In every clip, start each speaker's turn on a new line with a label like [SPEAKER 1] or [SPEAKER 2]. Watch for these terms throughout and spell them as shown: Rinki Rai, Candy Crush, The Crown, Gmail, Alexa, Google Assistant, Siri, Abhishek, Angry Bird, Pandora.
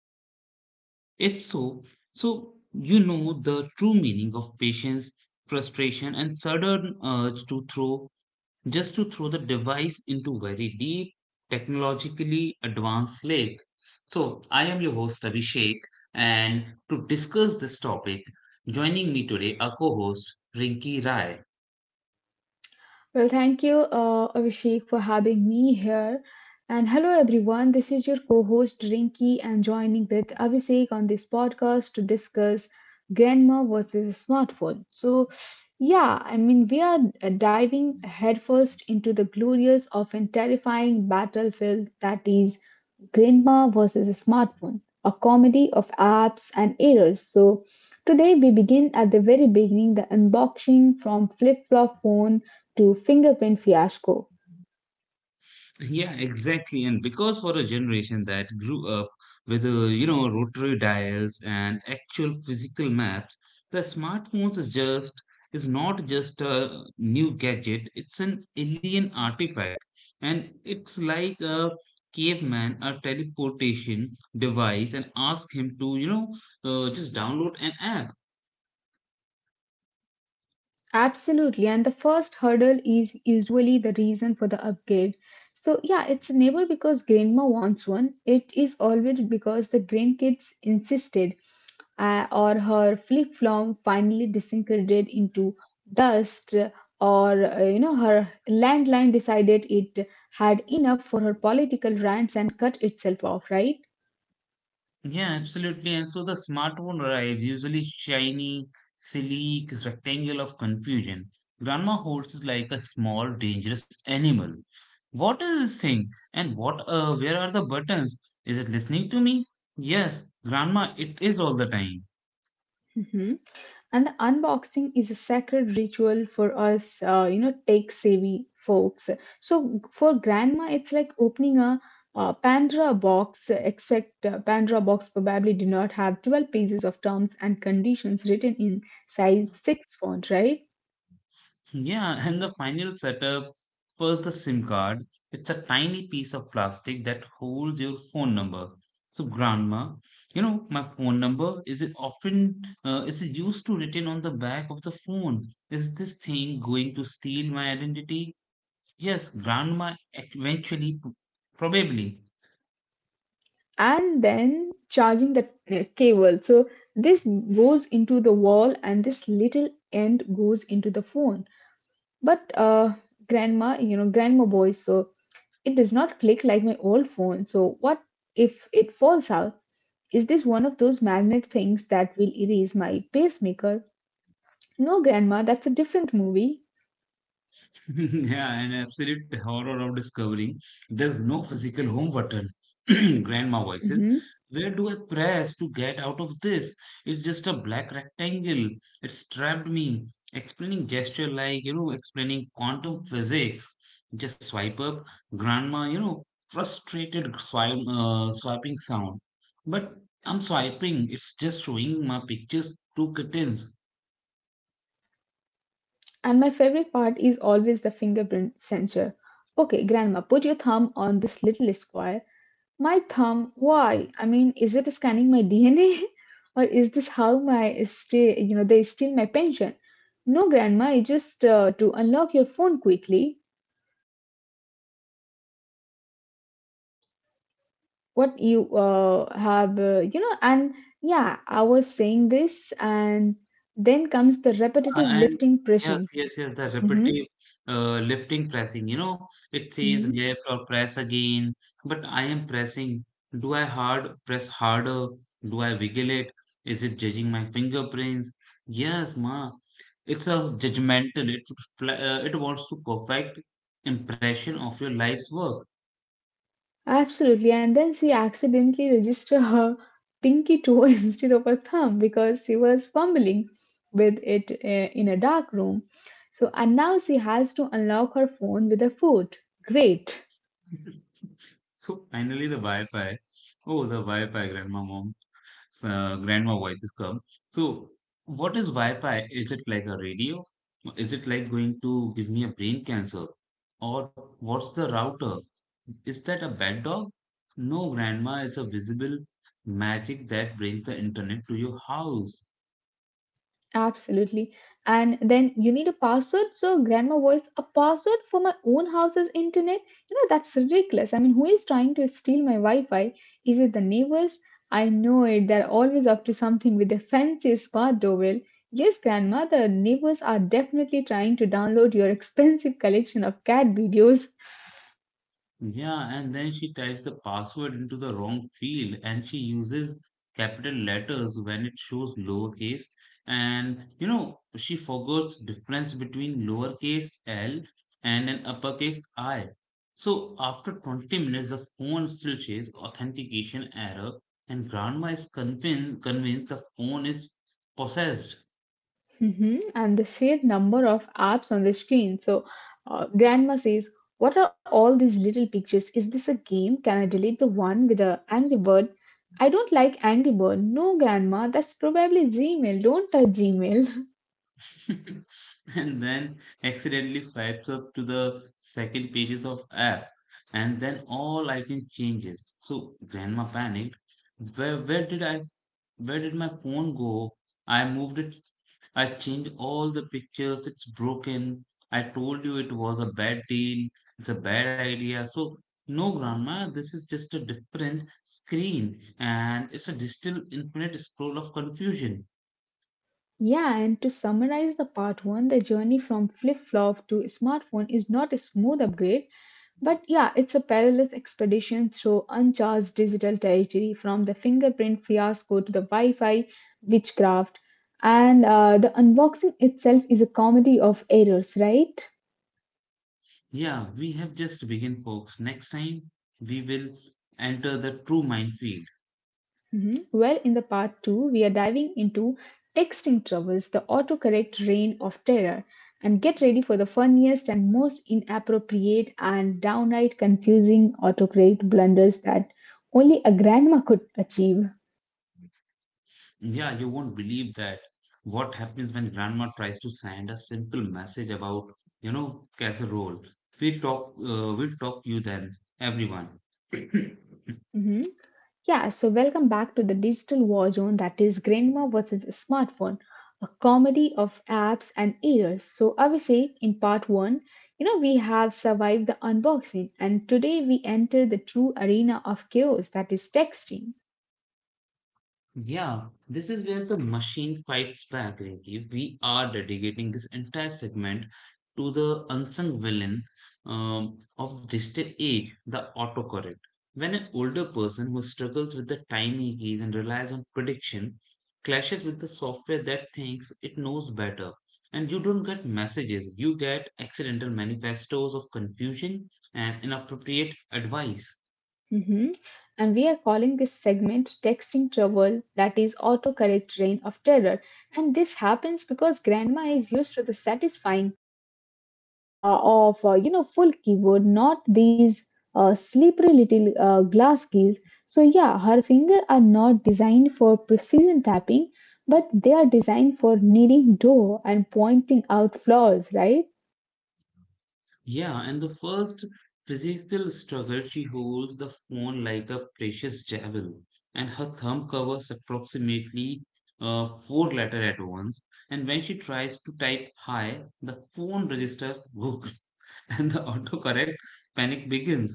[SPEAKER 1] smartphone? If so, you know the true meaning of patience, frustration, and sudden urge to throw just to throw the device into very deep, technologically advanced lake. So I am your host Abhishek, and to discuss this topic, joining me today, our co-host Rinki Rai.
[SPEAKER 2] Well, thank you, Abhishek, for having me here. And hello, everyone. This is your co host, Rinki, and joining with Abhishek on this podcast to discuss grandma versus smartphone. So, yeah, we are diving headfirst into the glorious, often terrifying battlefield that is Grandma versus a Smartphone, a comedy of apps and errors. So, today we begin at the very beginning the unboxing from flip flop phone to fingerprint fiasco.
[SPEAKER 1] Yeah, exactly. And because for a generation that grew up with, you know, rotary dials and actual physical maps, the smartphones is just is not just a new gadget. It's an alien artifact, and it's like a caveman, a teleportation device, and ask him to, you know, just download an app.
[SPEAKER 2] Absolutely, and the first hurdle is usually the reason for the upgrade. So, yeah, it's never because grandma wants one, it is always because the grandkids insisted, or her flip flop finally disintegrated into dust, or her landline decided it had enough for her political rants and cut itself off, right?
[SPEAKER 1] Yeah, absolutely. And so the smartphone arrives, usually shiny, sleek, rectangle of confusion. Grandma holds it like a small, dangerous animal. What is this thing? And what, where are the buttons? Is it listening to me? Yes, Grandma, it is all the time.
[SPEAKER 2] Mhm. And the unboxing is a sacred ritual for us, tech savvy folks. So for grandma, it's like opening a Pandora box, except Pandora box probably did not have 12 pages of terms and conditions written in size 6 font, right?
[SPEAKER 1] Yeah, and the final setup was the SIM card. It's a tiny piece of plastic that holds your phone number. So, grandma, you know, my phone number is it used to written on the back of the phone. Is this thing going to steal my identity? Yes, grandma eventually, probably.
[SPEAKER 2] And then charging the cable. So this goes into the wall and this little end goes into the phone. But grandma, you know, grandma voice, so it does not click like my old phone. So what if it falls out? Is this one of those magnet things that will erase my pacemaker? No, grandma, that's a different movie.
[SPEAKER 1] Yeah, an absolute horror of discovering there's no physical home button. Grandma voices.
[SPEAKER 2] Hmm.
[SPEAKER 1] Where do I press to get out of this? It's just a black rectangle. It's trapped me. Explaining gesture like, you know, explaining quantum physics. Just swipe up. Grandma, you know, frustrated swipe, swiping sound. But I'm swiping. It's just showing my pictures to kittens.
[SPEAKER 2] And my favorite part is always the fingerprint sensor. Okay, grandma, put your thumb on this little square. My thumb? Why? I mean, is it scanning my DNA, or is this how my stay? You know, they steal my pension. No, grandma, it's just to unlock your phone quickly. What you have, and yeah, I was saying this, and then comes the
[SPEAKER 1] Uh,
[SPEAKER 2] repetitive
[SPEAKER 1] And
[SPEAKER 2] lifting,
[SPEAKER 1] yes,
[SPEAKER 2] pressing.
[SPEAKER 1] yes, yes, the
[SPEAKER 2] Mm-hmm.
[SPEAKER 1] repetitive lifting pressing, you know, it says
[SPEAKER 2] Mm-hmm.
[SPEAKER 1] lift or press again, but I am pressing. Do I hard press harder? Do I wiggle it? Is it judging my fingerprints? Yes, ma. It's a judgmental. It it wants to perfect impression of your life's work.
[SPEAKER 2] Absolutely. And then she accidentally registered her pinky toe instead of her thumb because she was fumbling with it in a dark room. So, and now she has to unlock her phone with a foot. Great.
[SPEAKER 1] So finally, the Wi-Fi. Oh, the Wi-Fi, grandma, mom, grandma voices come. So, what is Wi-Fi? Is it like a radio? Is it like going to give me a brain cancer? Or what's the router? Is that a bad dog? No, grandma, it's a visible magic that brings the internet to your house.
[SPEAKER 2] Absolutely. And then you need a password. So grandma voice, a password for my own house's internet? You know, that's ridiculous. I mean, who is trying to steal my Wi-Fi? Is it the neighbors? I know it. They're always up to something with their fancy smart doorbell. Yes, grandma, the neighbors are definitely trying to download your expensive collection of cat videos.
[SPEAKER 1] Yeah, and then she types the password into the wrong field and she uses capital letters when it shows lowercase. And you know, she forgets difference between lowercase L and an uppercase I. So after 20 minutes, the phone still says authentication error, and grandma is convinced the phone is possessed.
[SPEAKER 2] Hmm. And the sheer number of apps on the screen. So, Grandma says, what are all these little pictures? Is this a game? Can I delete the one with the Angry Bird? I don't like Angry Bird. No, Grandma, that's probably Gmail. Don't touch Gmail.
[SPEAKER 1] And then accidentally swipes up to the second pages of app and then all icon changes, so grandma panicked. Where did I where did my phone go? I moved it. I changed all the pictures. It's broken. I told you it was a bad deal. It's a bad idea. So no, grandma, this is just a different screen, and it's a digital infinite scroll of confusion.
[SPEAKER 2] Yeah, and to summarize the part one, the journey from flip flop to smartphone is not a smooth upgrade. But yeah, it's a perilous expedition through uncharted digital territory from the fingerprint fiasco to the Wi Fi witchcraft. And the unboxing itself is a comedy of errors, right?
[SPEAKER 1] Yeah, we have just begun, folks. Next time, we will enter the true minefield.
[SPEAKER 2] Mhm. Well, in the part two, we are diving into texting troubles, the autocorrect reign of terror. And get ready for the funniest and most inappropriate and downright confusing autocorrect blunders that only a grandma could achieve.
[SPEAKER 1] Yeah, you won't believe that. What happens when grandma tries to send a simple message about, you know, casserole? We'll talk, we'll talk to you then, everyone.
[SPEAKER 2] Mhm. Yeah, so welcome back to the digital war zone that is Grandma versus smartphone, a comedy of apps and errors. So, Abhishek, in part one, you know, we have survived the unboxing, and today we enter the true arena of chaos that is texting.
[SPEAKER 1] Yeah, this is where the machine fights back. Like, if we are dedicating this entire segment to the unsung villain of digital age, the autocorrect. When an older person who struggles with the timing keys and relies on prediction clashes with the software that thinks it knows better, and you don't get messages, you get accidental manifestos of confusion and inappropriate advice.
[SPEAKER 2] Mhm. And we are calling this segment Texting Trouble, that is autocorrect reign of terror. And this happens because Grandma is used to the satisfying of you know full keyboard, not these slippery little glass keys. So yeah, her fingers are not designed for precision tapping, but they are designed for kneading dough and pointing out flaws, right?
[SPEAKER 1] Yeah, and the first physical struggle, she holds the phone like a precious jewel, and her thumb covers approximately four letters at once. And when she tries to type hi, the phone registers book, and the autocorrect panic begins.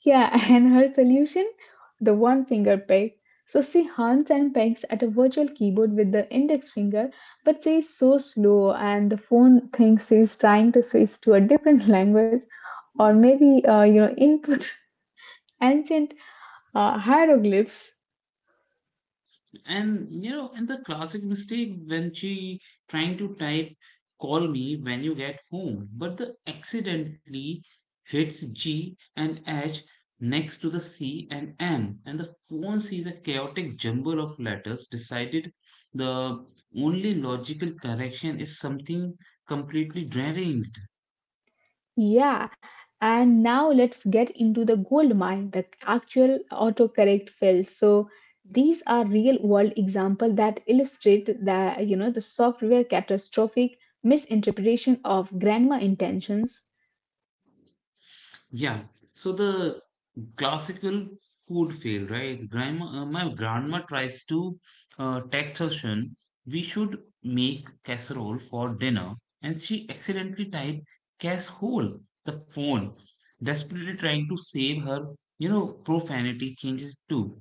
[SPEAKER 2] Yeah, and her solution, the one finger peg. So she hunts and pegs at a virtual keyboard with the index finger, but she is so slow and the phone thinks she's trying to switch to a different language or maybe input ancient hieroglyphs.
[SPEAKER 1] And the classic mistake when she trying to type call me when you get home, but the accidentally hits G and H next to the C and M, and the phone sees a chaotic jumble of letters, decided the only logical correction is something completely draining.
[SPEAKER 2] Yeah, and now let's get into the gold mine, the actual autocorrect fails. So these are real world examples that illustrate the you know the software catastrophic misinterpretation of grandma intentions.
[SPEAKER 1] Yeah, so the classical food fail, right? My grandma tries to text her son, we should make casserole for dinner, and she accidentally typed casserole, the phone, desperately trying to save her, you know, profanity changes too.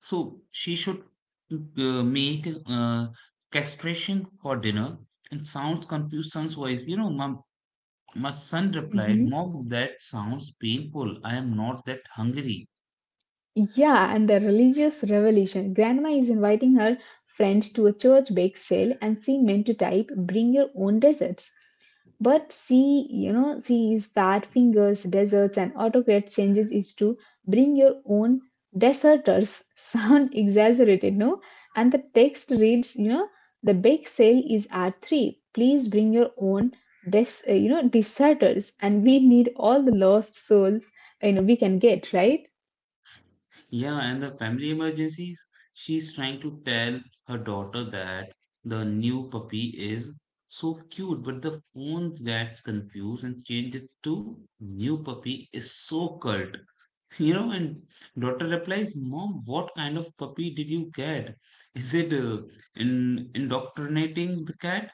[SPEAKER 1] So she should make castration for dinner and sounds confused, sounds wise. You know, my son replied,
[SPEAKER 2] Mm-hmm.
[SPEAKER 1] Mom, that sounds painful. I am not that hungry.
[SPEAKER 2] Yeah, and the religious revelation. Grandma is inviting her friends to a church bake sale, and she meant to type, bring your own desserts. But she, you know, she is fat fingers, desserts, and autocrat changes is to bring your own deserters. Sound exaggerated, no? And the text reads, you know, the bake sale is at 3. Please bring your own, deserters. And we need all the lost souls, you know, we can get, right?
[SPEAKER 1] Yeah, and the family emergencies. She's trying to tell her daughter that the new puppy is so cute, but the phone gets confused and changes to new puppy is so cult. You know, and daughter replies, Mom, what kind of puppy did you get? Is it in indoctrinating the cat?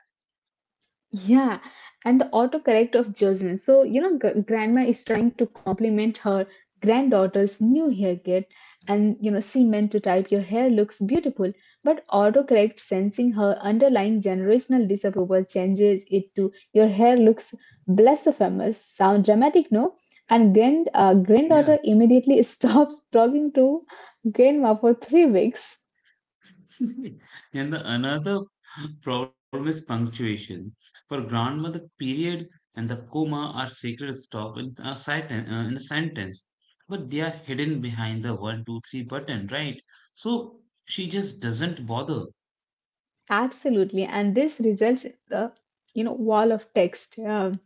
[SPEAKER 2] Yeah, and the autocorrect of judgment. So, you know, grandma is trying to compliment her granddaughter's new haircut, and you know, she meant to type, your hair looks beautiful. But autocorrect, sensing her underlying generational disapproval, changes it to, your hair looks blasphemous. Sound dramatic, no? And granddaughter immediately stops talking to grandma for 3 weeks.
[SPEAKER 1] And the another problem is punctuation. For grandmother, period and the comma are sacred stop in a sentence, but they are hidden behind the one, two, three button, right? So she just doesn't bother.
[SPEAKER 2] Absolutely. And this results in the, you know, wall of text.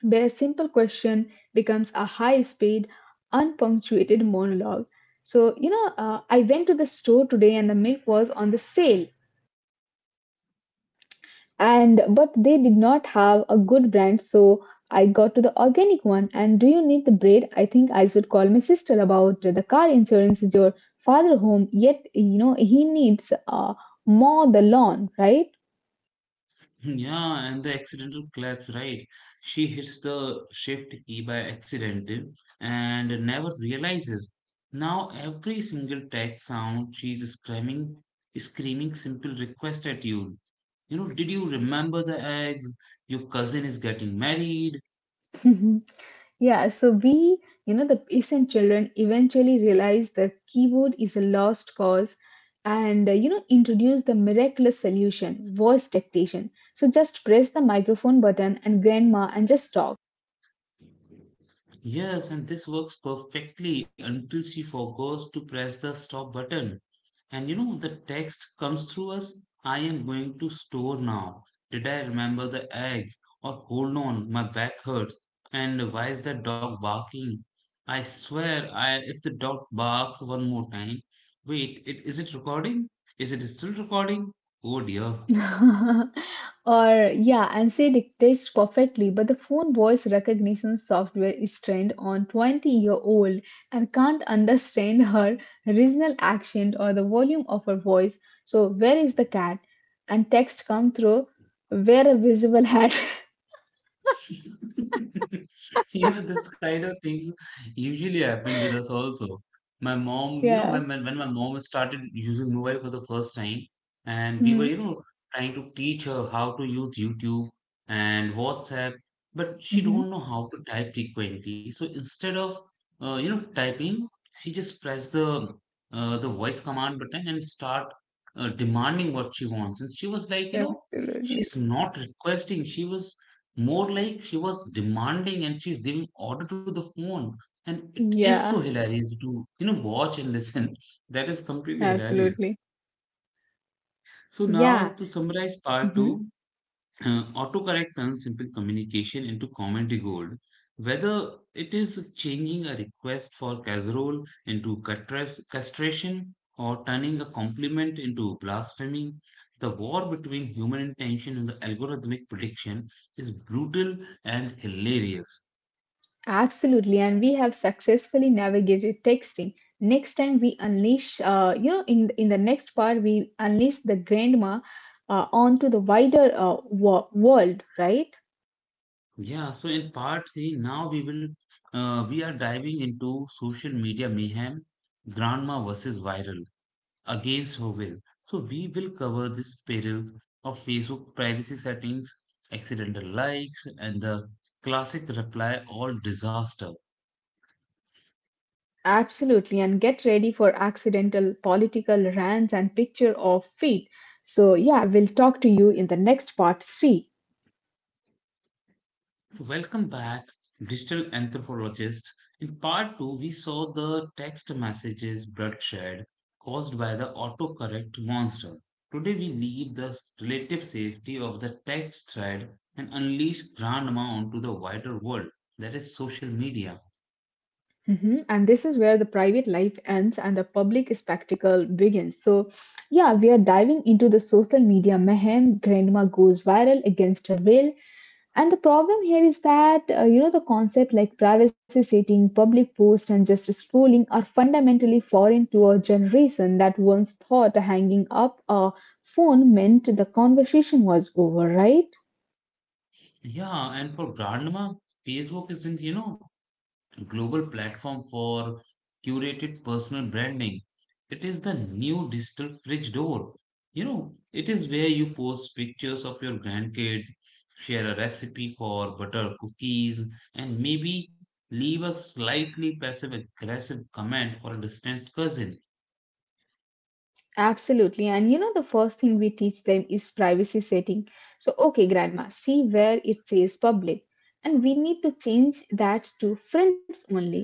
[SPEAKER 2] Where a simple question becomes a high speed, unpunctuated monologue. So, you know, I went to the store today and the milk was on the sale, and but they did not have a good brand, so I got to the organic one. And do you need the bread? I think I should call my sister about the car insurance. Is your father home? Yet, you know, he needs mow the lawn, right?
[SPEAKER 1] Yeah, and the accidental collapse, right? She hits the shift key by accident and never realizes. Now every single text sound she's screaming simple request at you. You know, did you remember the eggs? Your cousin is getting married.
[SPEAKER 2] Yeah, so we, you know, the peasant children eventually realize the keyboard is a lost cause and, you know, introduce the miraculous solution voice dictation. So just press the microphone button and grandma and just talk.
[SPEAKER 1] Yes, and this works perfectly until she forgets to press the stop button. And you know, the text comes through us: I am going to store now. Did I remember the eggs? Or hold on, my back hurts. And why is that dog barking? I swear, I if the dog barks one more time. Wait, is it recording? Is it still recording? Oh dear.
[SPEAKER 2] Or yeah, and say dictates perfectly, but the phone voice recognition software is trained on 20-year-old and can't understand her regional accent or the volume of her voice. So where is the cat? And text come through wear a visible hat.
[SPEAKER 1] You know, this kind of things usually happen with us also. My mom, you know,
[SPEAKER 2] Yeah.
[SPEAKER 1] when my mom started using mobile for the first time, and we were,
[SPEAKER 2] Mm-hmm.
[SPEAKER 1] you know, trying to teach her how to use YouTube and WhatsApp, but she
[SPEAKER 2] Mm-hmm.
[SPEAKER 1] don't know how to type frequently. So instead of you know typing, she just pressed the the voice command button and start demanding what she wants. And she was like, you know,
[SPEAKER 2] Absolutely.
[SPEAKER 1] she's not requesting, she was more like she was demanding, and she's giving order to the phone, and it is so
[SPEAKER 2] Yeah,
[SPEAKER 1] hilarious to, you know, watch and listen. That is completely hilarious.
[SPEAKER 2] absolutely.
[SPEAKER 1] So
[SPEAKER 2] Yeah.
[SPEAKER 1] now to summarize part
[SPEAKER 2] Mhm.
[SPEAKER 1] 2. Autocorrect turns simple communication into commentary gold, whether it is changing a request for casserole into castration, or turning a compliment into blasphemy. The war between human intention and the algorithmic prediction is brutal and hilarious.
[SPEAKER 2] Absolutely, and we have successfully navigated texting. Next time we unleash, in the next part we unleash the grandma onto the wider world, right?
[SPEAKER 1] Yeah, so in part three, now we will we are diving into social media mayhem, grandma versus viral against her will. So we will cover these perils of Facebook privacy settings, accidental likes, and the classic reply all disaster.
[SPEAKER 2] Absolutely, and get ready for accidental political rants and picture of feet. So yeah, we'll talk to you in the next part three.
[SPEAKER 1] So, welcome back, digital anthropologists. In part two, we saw the text messages bloodshed caused by the autocorrect monster. Today, we leave the relative safety of the text thread and unleash Grandma onto the wider world that is social media.
[SPEAKER 2] Mhm. And this is where the private life ends and the public spectacle begins. So, yeah, we are diving into the social media mayhem. Grandma goes viral against her will. And the problem here is that, the concept like privacy setting, public post, and just scrolling are fundamentally foreign to a generation that once thought hanging up a phone meant the conversation was over, right?
[SPEAKER 1] Yeah, and for Grandma, Facebook isn't, you know, global platform for curated personal branding. It is the new digital fridge door. You know, it is where you post pictures of your grandkids, share a recipe for butter cookies, and maybe leave a slightly passive aggressive comment for a distant cousin.
[SPEAKER 2] Absolutely. And you know, the first thing we teach them is privacy setting. So, okay, grandma, see where it says public. And we need to change that to friends only.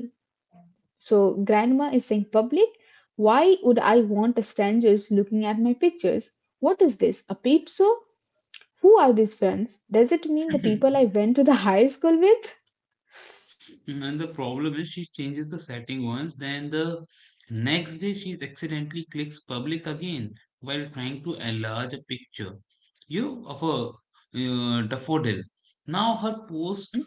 [SPEAKER 2] So, grandma is saying public. Why would I want a strangers looking at my pictures? What is this? A peep show? Who are these friends? Does it mean the people I went to the high school with?
[SPEAKER 1] And the problem is she changes the setting once, then the next day she accidentally clicks public again while trying to enlarge a picture, you of a daffodil. Now her post
[SPEAKER 2] Mm-hmm.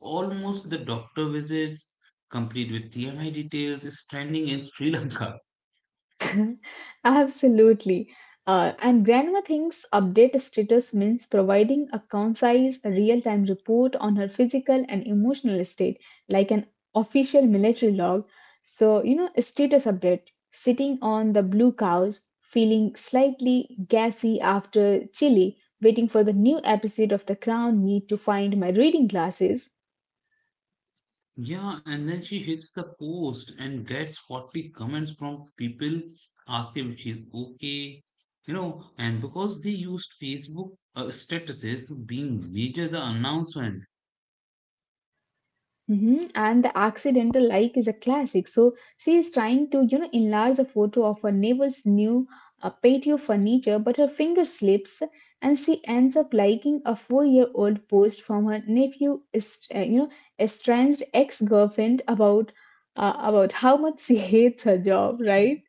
[SPEAKER 1] almost the doctor visits, complete with TMI details, is trending in Sri Lanka.
[SPEAKER 2] Absolutely. And grandma thinks update status means providing a concise, real time report on her physical and emotional state, like an official military log. So, you know, a status update sitting on the blue couch, feeling slightly gassy after chili, waiting for the new episode of The Crown Need to find my reading glasses.
[SPEAKER 1] Yeah, and then she hits the post and gets 40 comments from people asking if she's okay. You know, and because they used Facebook statuses to being major the announcement.
[SPEAKER 2] Mhm. And the accidental like is a classic. So she is trying to, you know, enlarge a photo of her neighbor's new patio furniture, but her finger slips, and she ends up liking a four-year-old post from her nephew, estranged ex-girlfriend about how much she hates her job, right?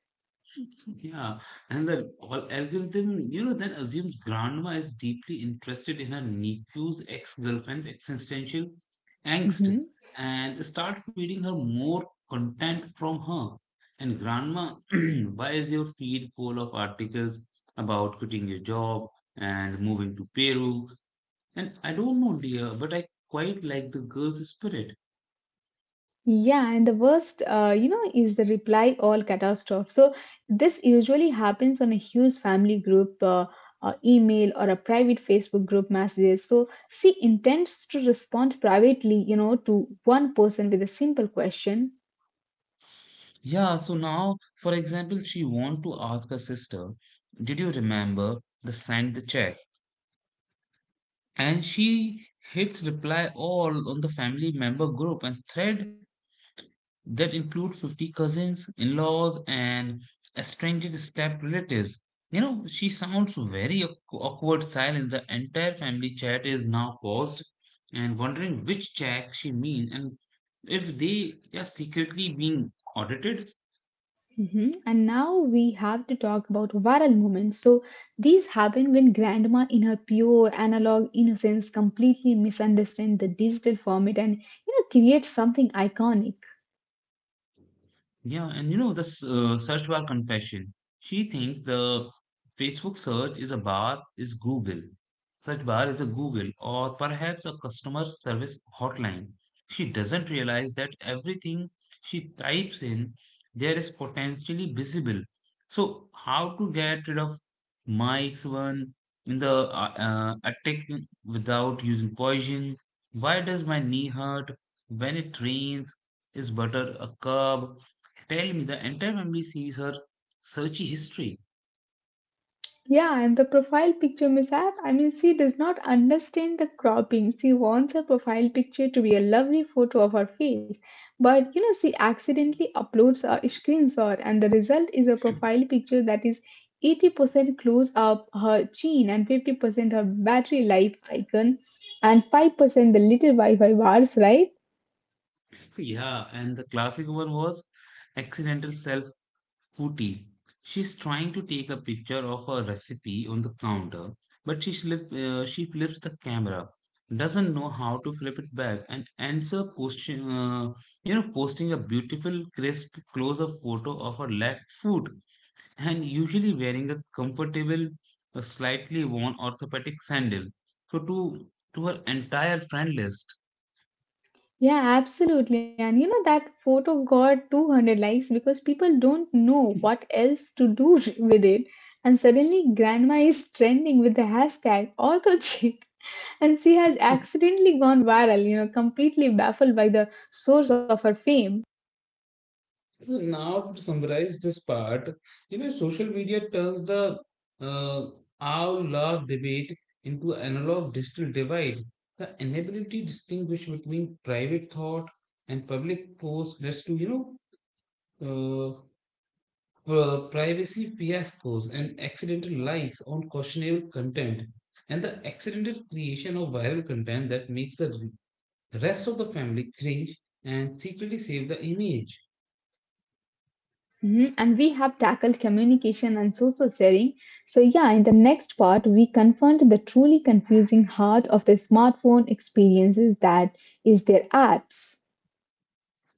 [SPEAKER 1] Yeah, and the algorithm, you know, then assumes grandma is deeply interested in her nephew's ex-girlfriend's existential angst
[SPEAKER 2] Mm-hmm.
[SPEAKER 1] and start feeding her more content from her. And grandma, why is your feed full of articles about quitting your job and moving to Peru? And I don't know, dear, but I quite like the girl's spirit.
[SPEAKER 2] Yeah, and the worst, is the reply all catastrophe. So this usually happens on a huge family group, email, or a private Facebook group messages. So she intends to respond privately, you know, to one person with a simple question.
[SPEAKER 1] Yeah, so now, for example, she want to ask her sister, did you remember the send the check? And she hits reply all on the family member group and thread that include 50 cousins, in-laws, and estranged step relatives. You know, she sounds very awkward silence. The entire family chat is now paused and wondering which check she mean and if they are secretly being audited.
[SPEAKER 2] Mhm. And now we have to talk about viral moments. So these happen when grandma, in her pure analog innocence, completely misunderstands the digital format and you know creates something iconic.
[SPEAKER 1] Yeah, and you know, this search bar confession. She thinks the Facebook search is a bar is Google. Search bar is a Google or perhaps a customer service hotline. She doesn't realize that everything she types in there is potentially visible. So how to get rid of Mike's one in the attack without using poison? Why does my knee hurt when it rains? Is butter a curb? Tell me, the entire family sees her searchy history.
[SPEAKER 2] Yeah, and the profile picture mishap. I mean, she does not understand the cropping. She wants her profile picture to be a lovely photo of her face. But you know, she accidentally uploads a screenshot, and the result is a profile picture that is 80% close up her chin and 50% her battery life icon and 5% the little Wi Fi bars, right?
[SPEAKER 1] Yeah, and the classic one was accidental self putty. She's trying to take a picture of a recipe on the counter, but she she flips the camera, doesn't know how to flip it back, and ends up posting, posting a beautiful, crisp close-up photo of her left foot, and usually wearing a comfortable, a slightly worn orthopedic sandal, so to her entire friend list.
[SPEAKER 2] Yeah, absolutely. And you know, that photo got 200 likes because people don't know what else to do with it. And suddenly, grandma is trending with the hashtag ortho chick. And she has accidentally gone viral, you know, completely baffled by the source of her fame.
[SPEAKER 1] So now to summarize this part, you know, social media turns the uh, our love debate into analog digital divide. The inability to distinguish between private thought and public posts leads to, know, uh, privacy fiascos and accidental likes on questionable content and the accidental creation of viral content that makes the rest of the family cringe and secretly save the image.
[SPEAKER 2] Mhm. And we have tackled communication and social sharing. So, yeah, in the next part, we confront the truly confusing heart of the smartphone experiences that is their apps.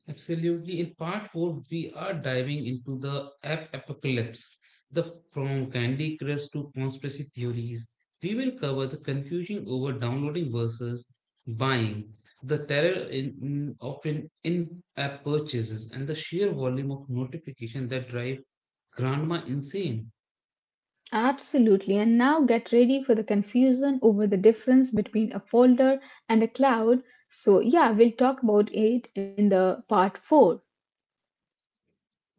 [SPEAKER 1] Absolutely. In part four, we are diving into the app apocalypse, the from Candy Crush to conspiracy theories. We will cover the confusion over downloading versus buying, the terror of in-app purchases, and the sheer volume of notification that drive grandma insane.
[SPEAKER 2] Absolutely, and now get ready for the confusion over the difference between a folder and a cloud. So, yeah, we'll talk about it in the part 4.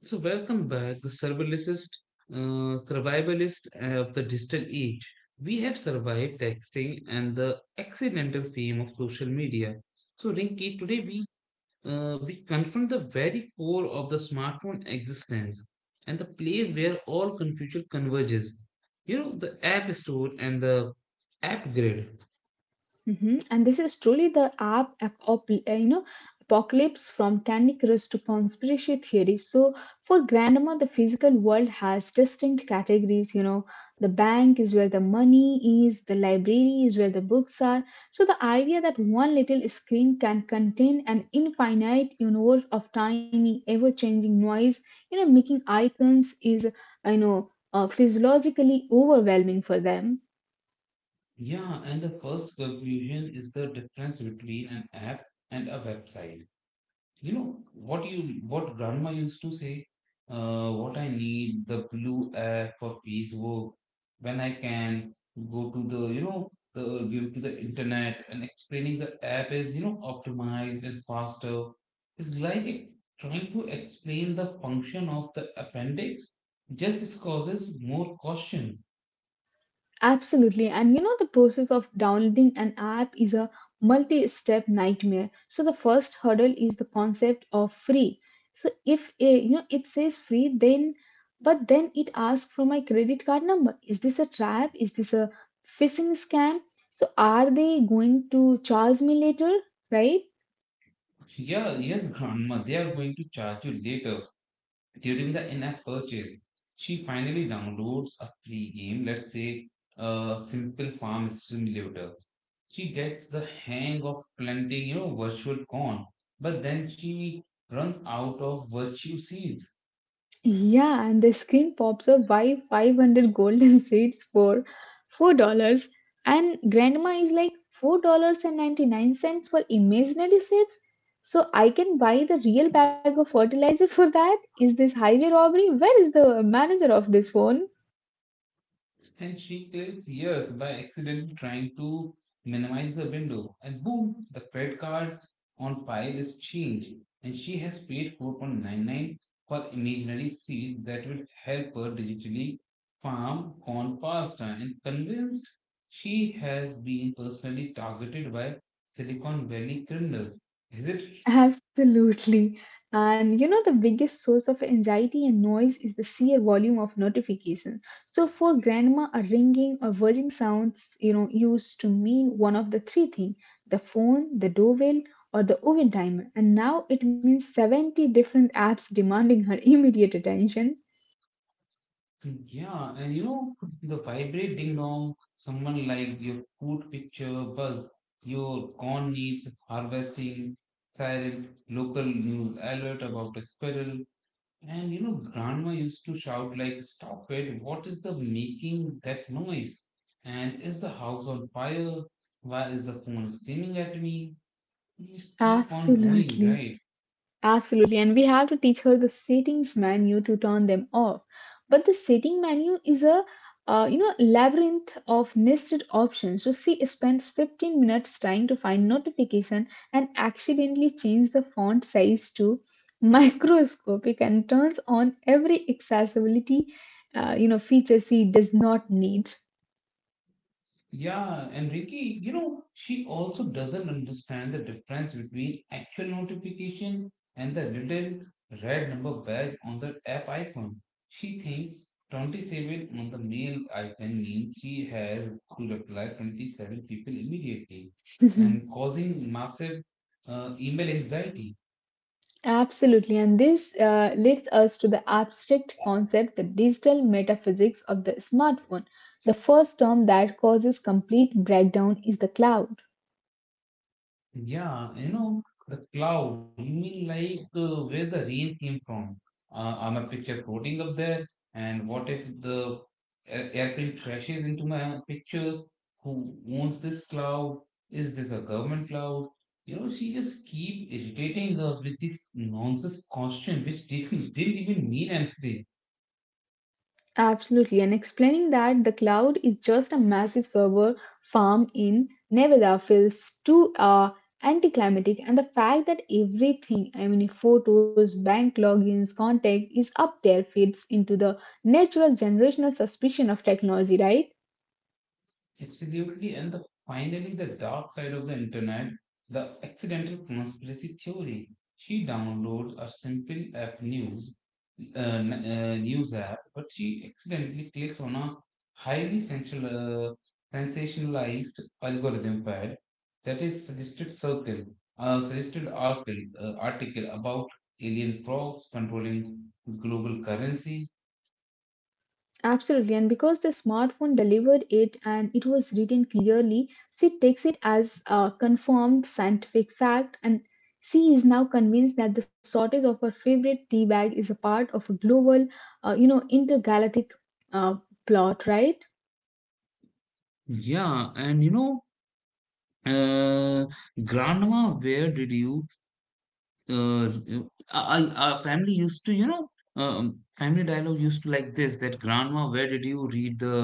[SPEAKER 1] So, welcome back, the survivalist of the digital age. We have survived texting and the accidental fame of social media. So, Rinki, today we confront the very core of the smartphone existence and the place where all confusion converges. You know, the app store and the app grid.
[SPEAKER 2] Hmm. And this is truly the app, ap- op- you know, apocalypse from Candy Crush to conspiracy theory. So for grandma, the physical world has distinct categories. You know, the bank is where the money is, the library is where the books are. So the idea that one little screen can contain an infinite universe of tiny, ever-changing noise, you know, making icons is, I know, physiologically overwhelming for them.
[SPEAKER 1] Yeah, and the first confusion is the difference between an app and a website. You know what you what grandma used to say, what I need the blue app for Facebook when I can go to the, you know, the give to the internet, and explaining the app is, you know, optimized and faster is like trying to explain the function of the appendix. Just it causes more caution.
[SPEAKER 2] Absolutely. And you know, the process of downloading an app is a multi step nightmare. So, the first hurdle is the concept of free. So, if you know it says free, then but then it asks for my credit card number. Is this a trap? Is this a phishing scam? So, are they going to charge me later? Right?
[SPEAKER 1] Yeah, yes, grandma, they are going to charge you later during the in-app purchase. She finally downloads a free game, let's say a simple farm simulator. She gets the hang of planting, you know, virtual corn, but then she runs out of virtue seeds.
[SPEAKER 2] Yeah, and the screen pops up by 500 golden seeds for $4 dollars. And grandma is like $4.99 for imaginary seeds. So I can buy the real bag of fertilizer for that? Is this highway robbery? Where is the manager of this phone?
[SPEAKER 1] And she takes years by accidentally trying to minimize the window. And boom, the credit card on file is changed, and she has paid 4.99 for imaginary seed that will help her digitally farm corn pasta and convinced she has been personally targeted by Silicon Valley criminals. Is it?
[SPEAKER 2] Absolutely. And you know, the biggest source of anxiety and noise is the sheer volume of notifications. So, for grandma, a ringing or buzzing sounds, you know, used to mean one of the three things: the phone, the doorbell, or the oven timer. And now it means 70 different apps demanding her immediate attention.
[SPEAKER 1] Yeah, and you know, the vibrate ding dong, someone like your food picture buzz, your corn needs harvesting, siren, local news alert about a squirrel. And you know, grandma used to shout like, stop it, what is the making that noise? And is the house on fire? Why is the phone screaming at me? Please keep on going,
[SPEAKER 2] Absolutely.
[SPEAKER 1] right?
[SPEAKER 2] Absolutely, and we have to teach her the settings menu to turn them off. But the setting menu is a you know, labyrinth of nested options. So she spends 15 minutes trying to find notification and accidentally change the font size to microscopic and turns on every accessibility you know feature she does not need.
[SPEAKER 1] Yeah, and Ricky, you know, she also doesn't understand the difference between actual notification and the little red number badge on the app icon. She thinks 27 on the mail icon means she has to reply 27 people immediately and causing massive email anxiety.
[SPEAKER 2] Absolutely, and this leads us to the abstract concept, the digital metaphysics of the smartphone. The first term that causes complete breakdown is the cloud.
[SPEAKER 1] Yeah, you know, the cloud, you mean like where the rain came from? I'm a picture floating up there, and what if the airplane crashes into my pictures? Who owns this cloud? Is this a government cloud? You know, she just keep irritating us with this nonsense question, which didn't even mean anything.
[SPEAKER 2] Absolutely, and explaining that the cloud is just a massive server farm in Nevada feels too anticlimactic, and the fact that everything, I mean, photos, bank logins, contact, is up there fits into the natural generational suspicion of technology, right?
[SPEAKER 1] Absolutely, and the, finally, the dark side of the internet, the accidental conspiracy theory. She downloads a simple app news, news app, but she accidentally clicks on a highly sensual, sensationalized algorithm pad that is suggested article about alien frogs controlling global currency.
[SPEAKER 2] Absolutely, and because the smartphone delivered it and it was written clearly, she takes it as a confirmed scientific fact, and she is now convinced that the shortage of her favorite tea bag is a part of a global, you know, intergalactic uh, plot, right?
[SPEAKER 1] Yeah, and you know, Uh, grandma, where did you? Uh, our family used to, you know, family dialogue used to like this, that grandma, where did you read the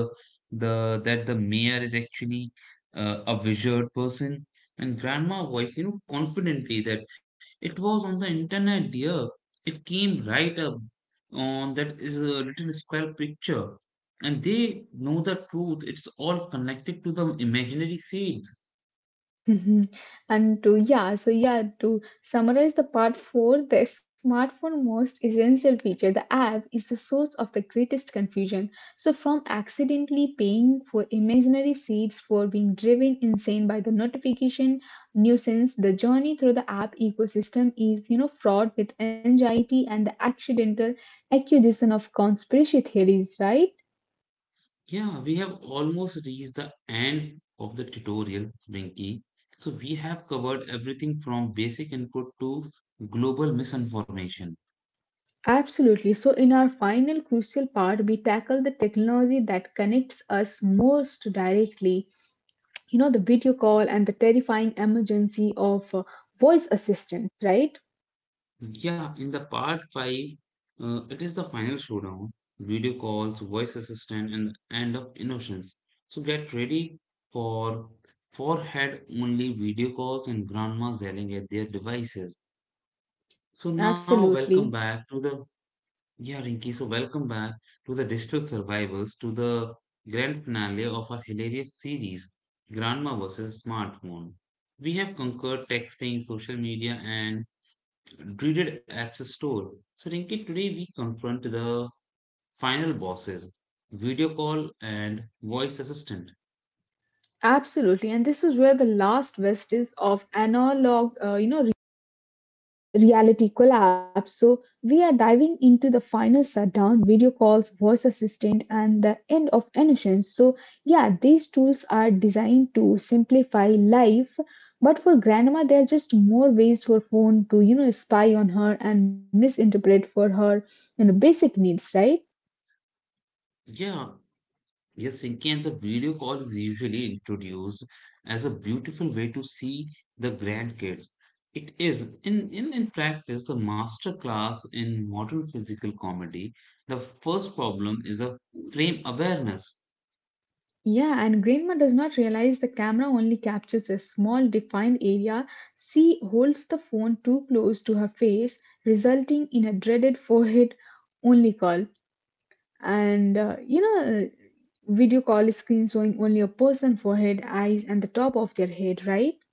[SPEAKER 1] the that the mayor is actually a wizard person? And grandma voice, you know, confidently that it was on the internet, dear. It came right up on that is a little square picture, and they know the truth. It's all connected to the imaginary seeds.
[SPEAKER 2] Mhm. and to yeah so yeah to summarize the part 4, the smartphone most essential feature, the app, is the source of the greatest confusion. So from accidentally paying for imaginary seats, for being driven insane by the notification nuisance, the journey through the app ecosystem is, you know, fraught with anxiety and the accidental accusation of conspiracy theories, right?
[SPEAKER 1] Yeah, we have almost reached the end of the tutorial, Rinki. So we have covered everything from basic input to global misinformation.
[SPEAKER 2] Absolutely. So, in our final crucial part, we tackle the technology that connects us most directly. You know, the video call and the terrifying emergency of voice assistant, right?
[SPEAKER 1] Yeah, in the part 5, it is the final showdown, video calls, voice assistant, and the end of innocence. So get ready for forehead only video calls and grandmas yelling at their devices. So now
[SPEAKER 2] Absolutely.
[SPEAKER 1] welcome back to the, yeah, Rinki, so welcome back to the Digital Survivors, to the grand finale of our hilarious series, Grandma vs. Smartphone. We have conquered texting, social media, and dreaded apps store. So, Rinki, today we confront the final bosses, video call and voice assistant.
[SPEAKER 2] Absolutely. And this is where the last west is of analog, you know, reality collapse. So, we are diving into the final shutdown, video calls, voice assistant, and the end of innocence. So, yeah, these tools are designed to simplify life, but for grandma, they're just more ways for phone to, you know, spy on her and misinterpret for her, you know, basic needs, right?
[SPEAKER 1] Yeah, yes, Rinki, and the video call is usually introduced as a beautiful way to see the grandkids. It is, in practice, the master class in modern physical comedy. The first problem is a frame awareness.
[SPEAKER 2] Yeah, and Grandma does not realize the camera only captures a small defined area. She holds the phone too close to her face, resulting in a dreaded forehead only call. And video call is screen showing only a person forehead, eyes, and the top of their head, right?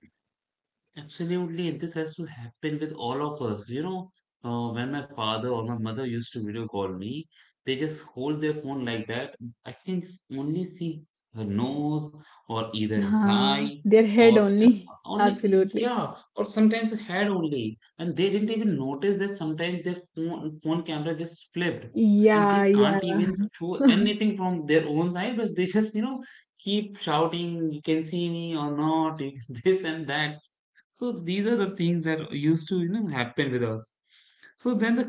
[SPEAKER 1] Absolutely, and this has to happen with all of us. You know, when my father or my mother used to video call me, they just hold their phone like that. I can only see her nose or either his eye
[SPEAKER 2] Their head
[SPEAKER 1] or just
[SPEAKER 2] only.
[SPEAKER 1] only,
[SPEAKER 2] Absolutely.
[SPEAKER 1] yeah, or sometimes head only. And they didn't even notice that sometimes their phone camera just flipped and
[SPEAKER 2] Yeah,
[SPEAKER 1] they
[SPEAKER 2] yeah.
[SPEAKER 1] can't even show anything from their own side, but they just, you know, keep shouting, you can see me or not, you- this and that, so these are the things that used to, you know, happen with us. So then the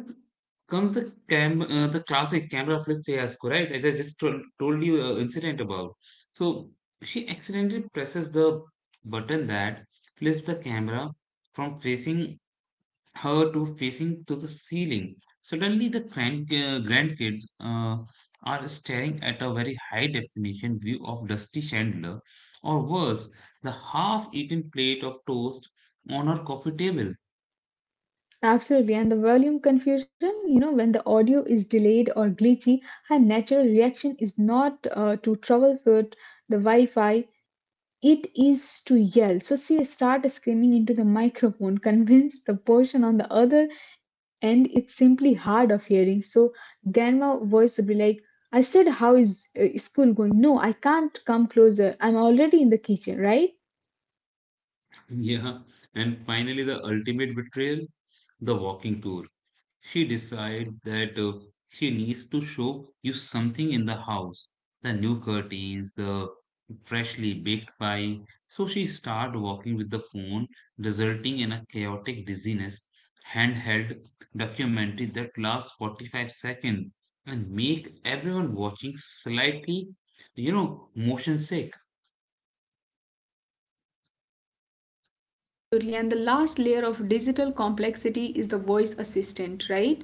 [SPEAKER 1] comes the cam the classic camera flip fiasco, right? As I just told you incident about. So she accidentally presses the button that flips the camera from facing her to facing to the ceiling. Suddenly, the grandkids are staring at a very high definition view of Dusty Chandler, or worse, the half eaten plate of toast on her coffee table.
[SPEAKER 2] Absolutely, and the volume confusion, you know, when the audio is delayed or glitchy, her natural reaction is not to troubleshoot the Wi Fi, it is to yell. So she starts screaming into the microphone, convince the person on the other end it's simply hard of hearing. So grandma voice would be like, I said, how is school going? No, I can't come closer. I'm already in the kitchen, right?
[SPEAKER 1] Yeah, and finally, the ultimate betrayal, the walking tour. She decides that she needs to show you something in the house, the new curtains, the freshly baked pie. So she starts walking with the phone, resulting in a chaotic dizziness, handheld documentary that lasts 45 seconds and make everyone watching slightly, you know, motion sick.
[SPEAKER 2] Absolutely. And the last layer of digital complexity is the voice assistant, right?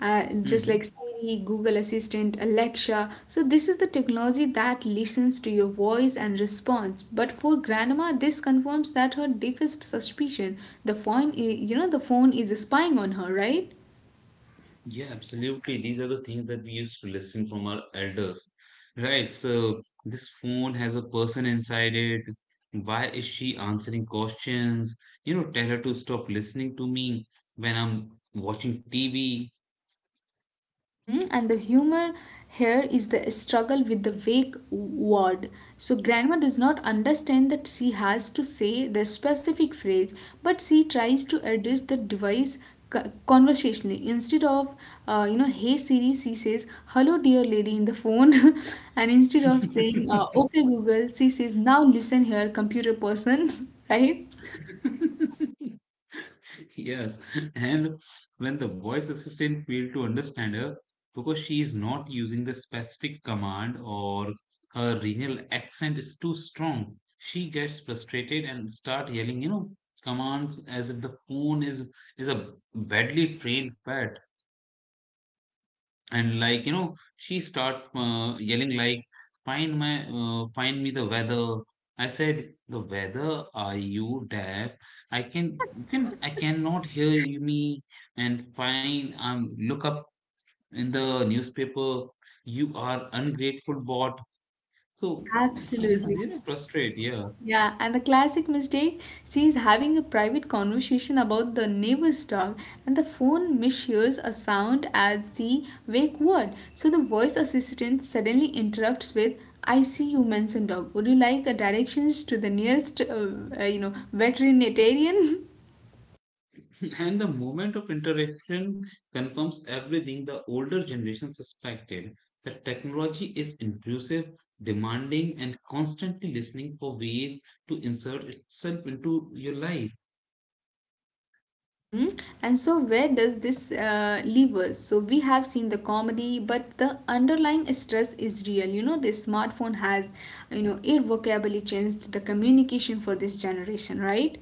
[SPEAKER 2] Just
[SPEAKER 1] Mm-hmm.
[SPEAKER 2] like Siri, Google Assistant, Alexa. So, this is the technology that listens to your voice and responds. But for grandma, this confirms that her deepest suspicion, you know, the phone is spying on her, right?
[SPEAKER 1] Yeah, absolutely. These are the things that we used to listen from our elders. Right. So this phone has a person inside it. Why is she answering questions? You know, tell her to stop listening to me when I'm watching TV.
[SPEAKER 2] Mhm. And the humor here is the struggle with the vague word. So, grandma does not understand that she has to say the specific phrase, but she tries to address the device conversationally. Instead of, you know, hey Siri, she says, hello dear lady in the phone. And instead of saying, okay Google, she says, now listen here, computer person, right?
[SPEAKER 1] Yes. And when the voice assistant failed to understand her because she is not using the specific command or her regional accent is too strong, she gets frustrated and start yelling, you know, commands as if the phone is a badly trained pet. And like, you know, she start yelling like, find my, find me the weather, I said the weather, are you deaf, I can you can, I cannot hear you, me, and find, look up in the newspaper, you are ungrateful bot. So he just,
[SPEAKER 2] Absolutely.
[SPEAKER 1] you know, frustrated, yeah.
[SPEAKER 2] Yeah, and the classic mistake, she is having a private conversation about the neighbor's dog, and the phone mishears a sound as the wake word. So the voice assistant suddenly interrupts with, "I see you mentioned dog. Would you like directions to the nearest, you know, veterinarian?"
[SPEAKER 1] And the moment of interaction confirms everything the older generation suspected, that technology is intrusive, demanding, and constantly listening for ways to insert itself into your life.
[SPEAKER 2] Mm-hmm. And so, where does this leave us? So, we have seen the comedy, but the underlying stress is real. You know, this smartphone has, you know, irrevocably changed the communication for this generation, right?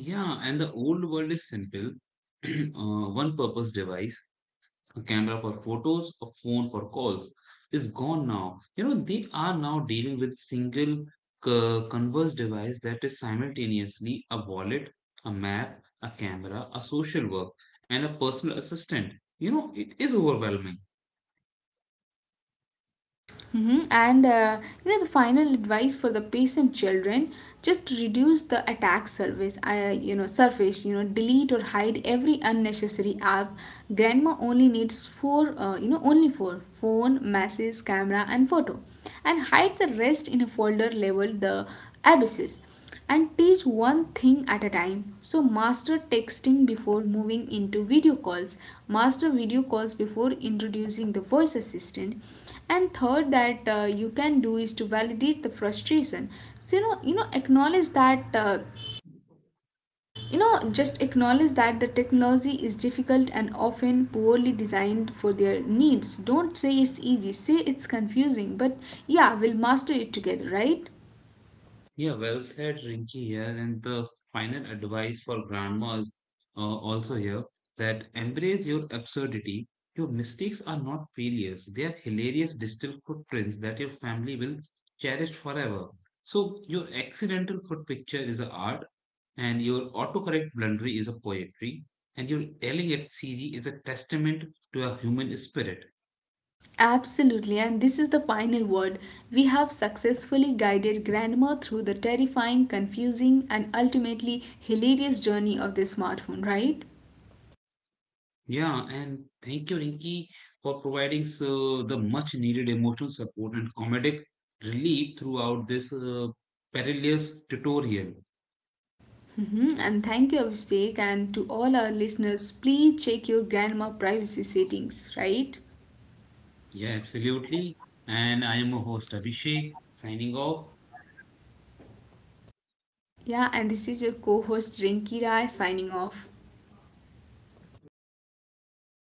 [SPEAKER 1] Yeah, and the old world is simple, one purpose device, a camera for photos, a phone for calls, is gone now. You know, they are now dealing with single converse device that is simultaneously a wallet, a map, a camera, a social work, and a personal assistant. You know, it is overwhelming.
[SPEAKER 2] Hmm. And you know, the final advice for the patient children: just reduce the attack surface. You know, delete or hide every unnecessary app. Grandma only needs four. You know, only four: phone, messages, camera, and photo. And hide the rest in a folder labeled the abysses, and teach one thing at a time. So, master texting before moving into video calls, master video calls before introducing the voice assistant. And third, that you can do is to validate the frustration. So, you know, acknowledge that, you know, just acknowledge that the technology is difficult and often poorly designed for their needs. Don't say it's easy, say it's confusing, but yeah, we'll master it together, right?
[SPEAKER 1] Yeah, well said, Rinky here. And the final advice for grandmas, also here, that embrace your absurdity. Your mistakes are not failures, they are hilarious digital footprints that your family will cherish forever. So, your accidental foot picture is a art, and your autocorrect blundery is a poetry, and your yelling at Siri is a testament to a human spirit.
[SPEAKER 2] Absolutely, and this is the final word. We have successfully guided grandma through the terrifying, confusing, and ultimately hilarious journey of the smartphone, right?
[SPEAKER 1] Yeah, and thank you, Rinki, for providing so the much needed emotional support and comedic relief throughout this perilous tutorial.
[SPEAKER 2] Mhm. And thank you, Abhishek, and to all our listeners, please check your grandma privacy settings, right?
[SPEAKER 1] Yeah, absolutely. And I am your host, Abhishek, signing off.
[SPEAKER 2] Yeah, and this is your co host Rinki Rai signing off.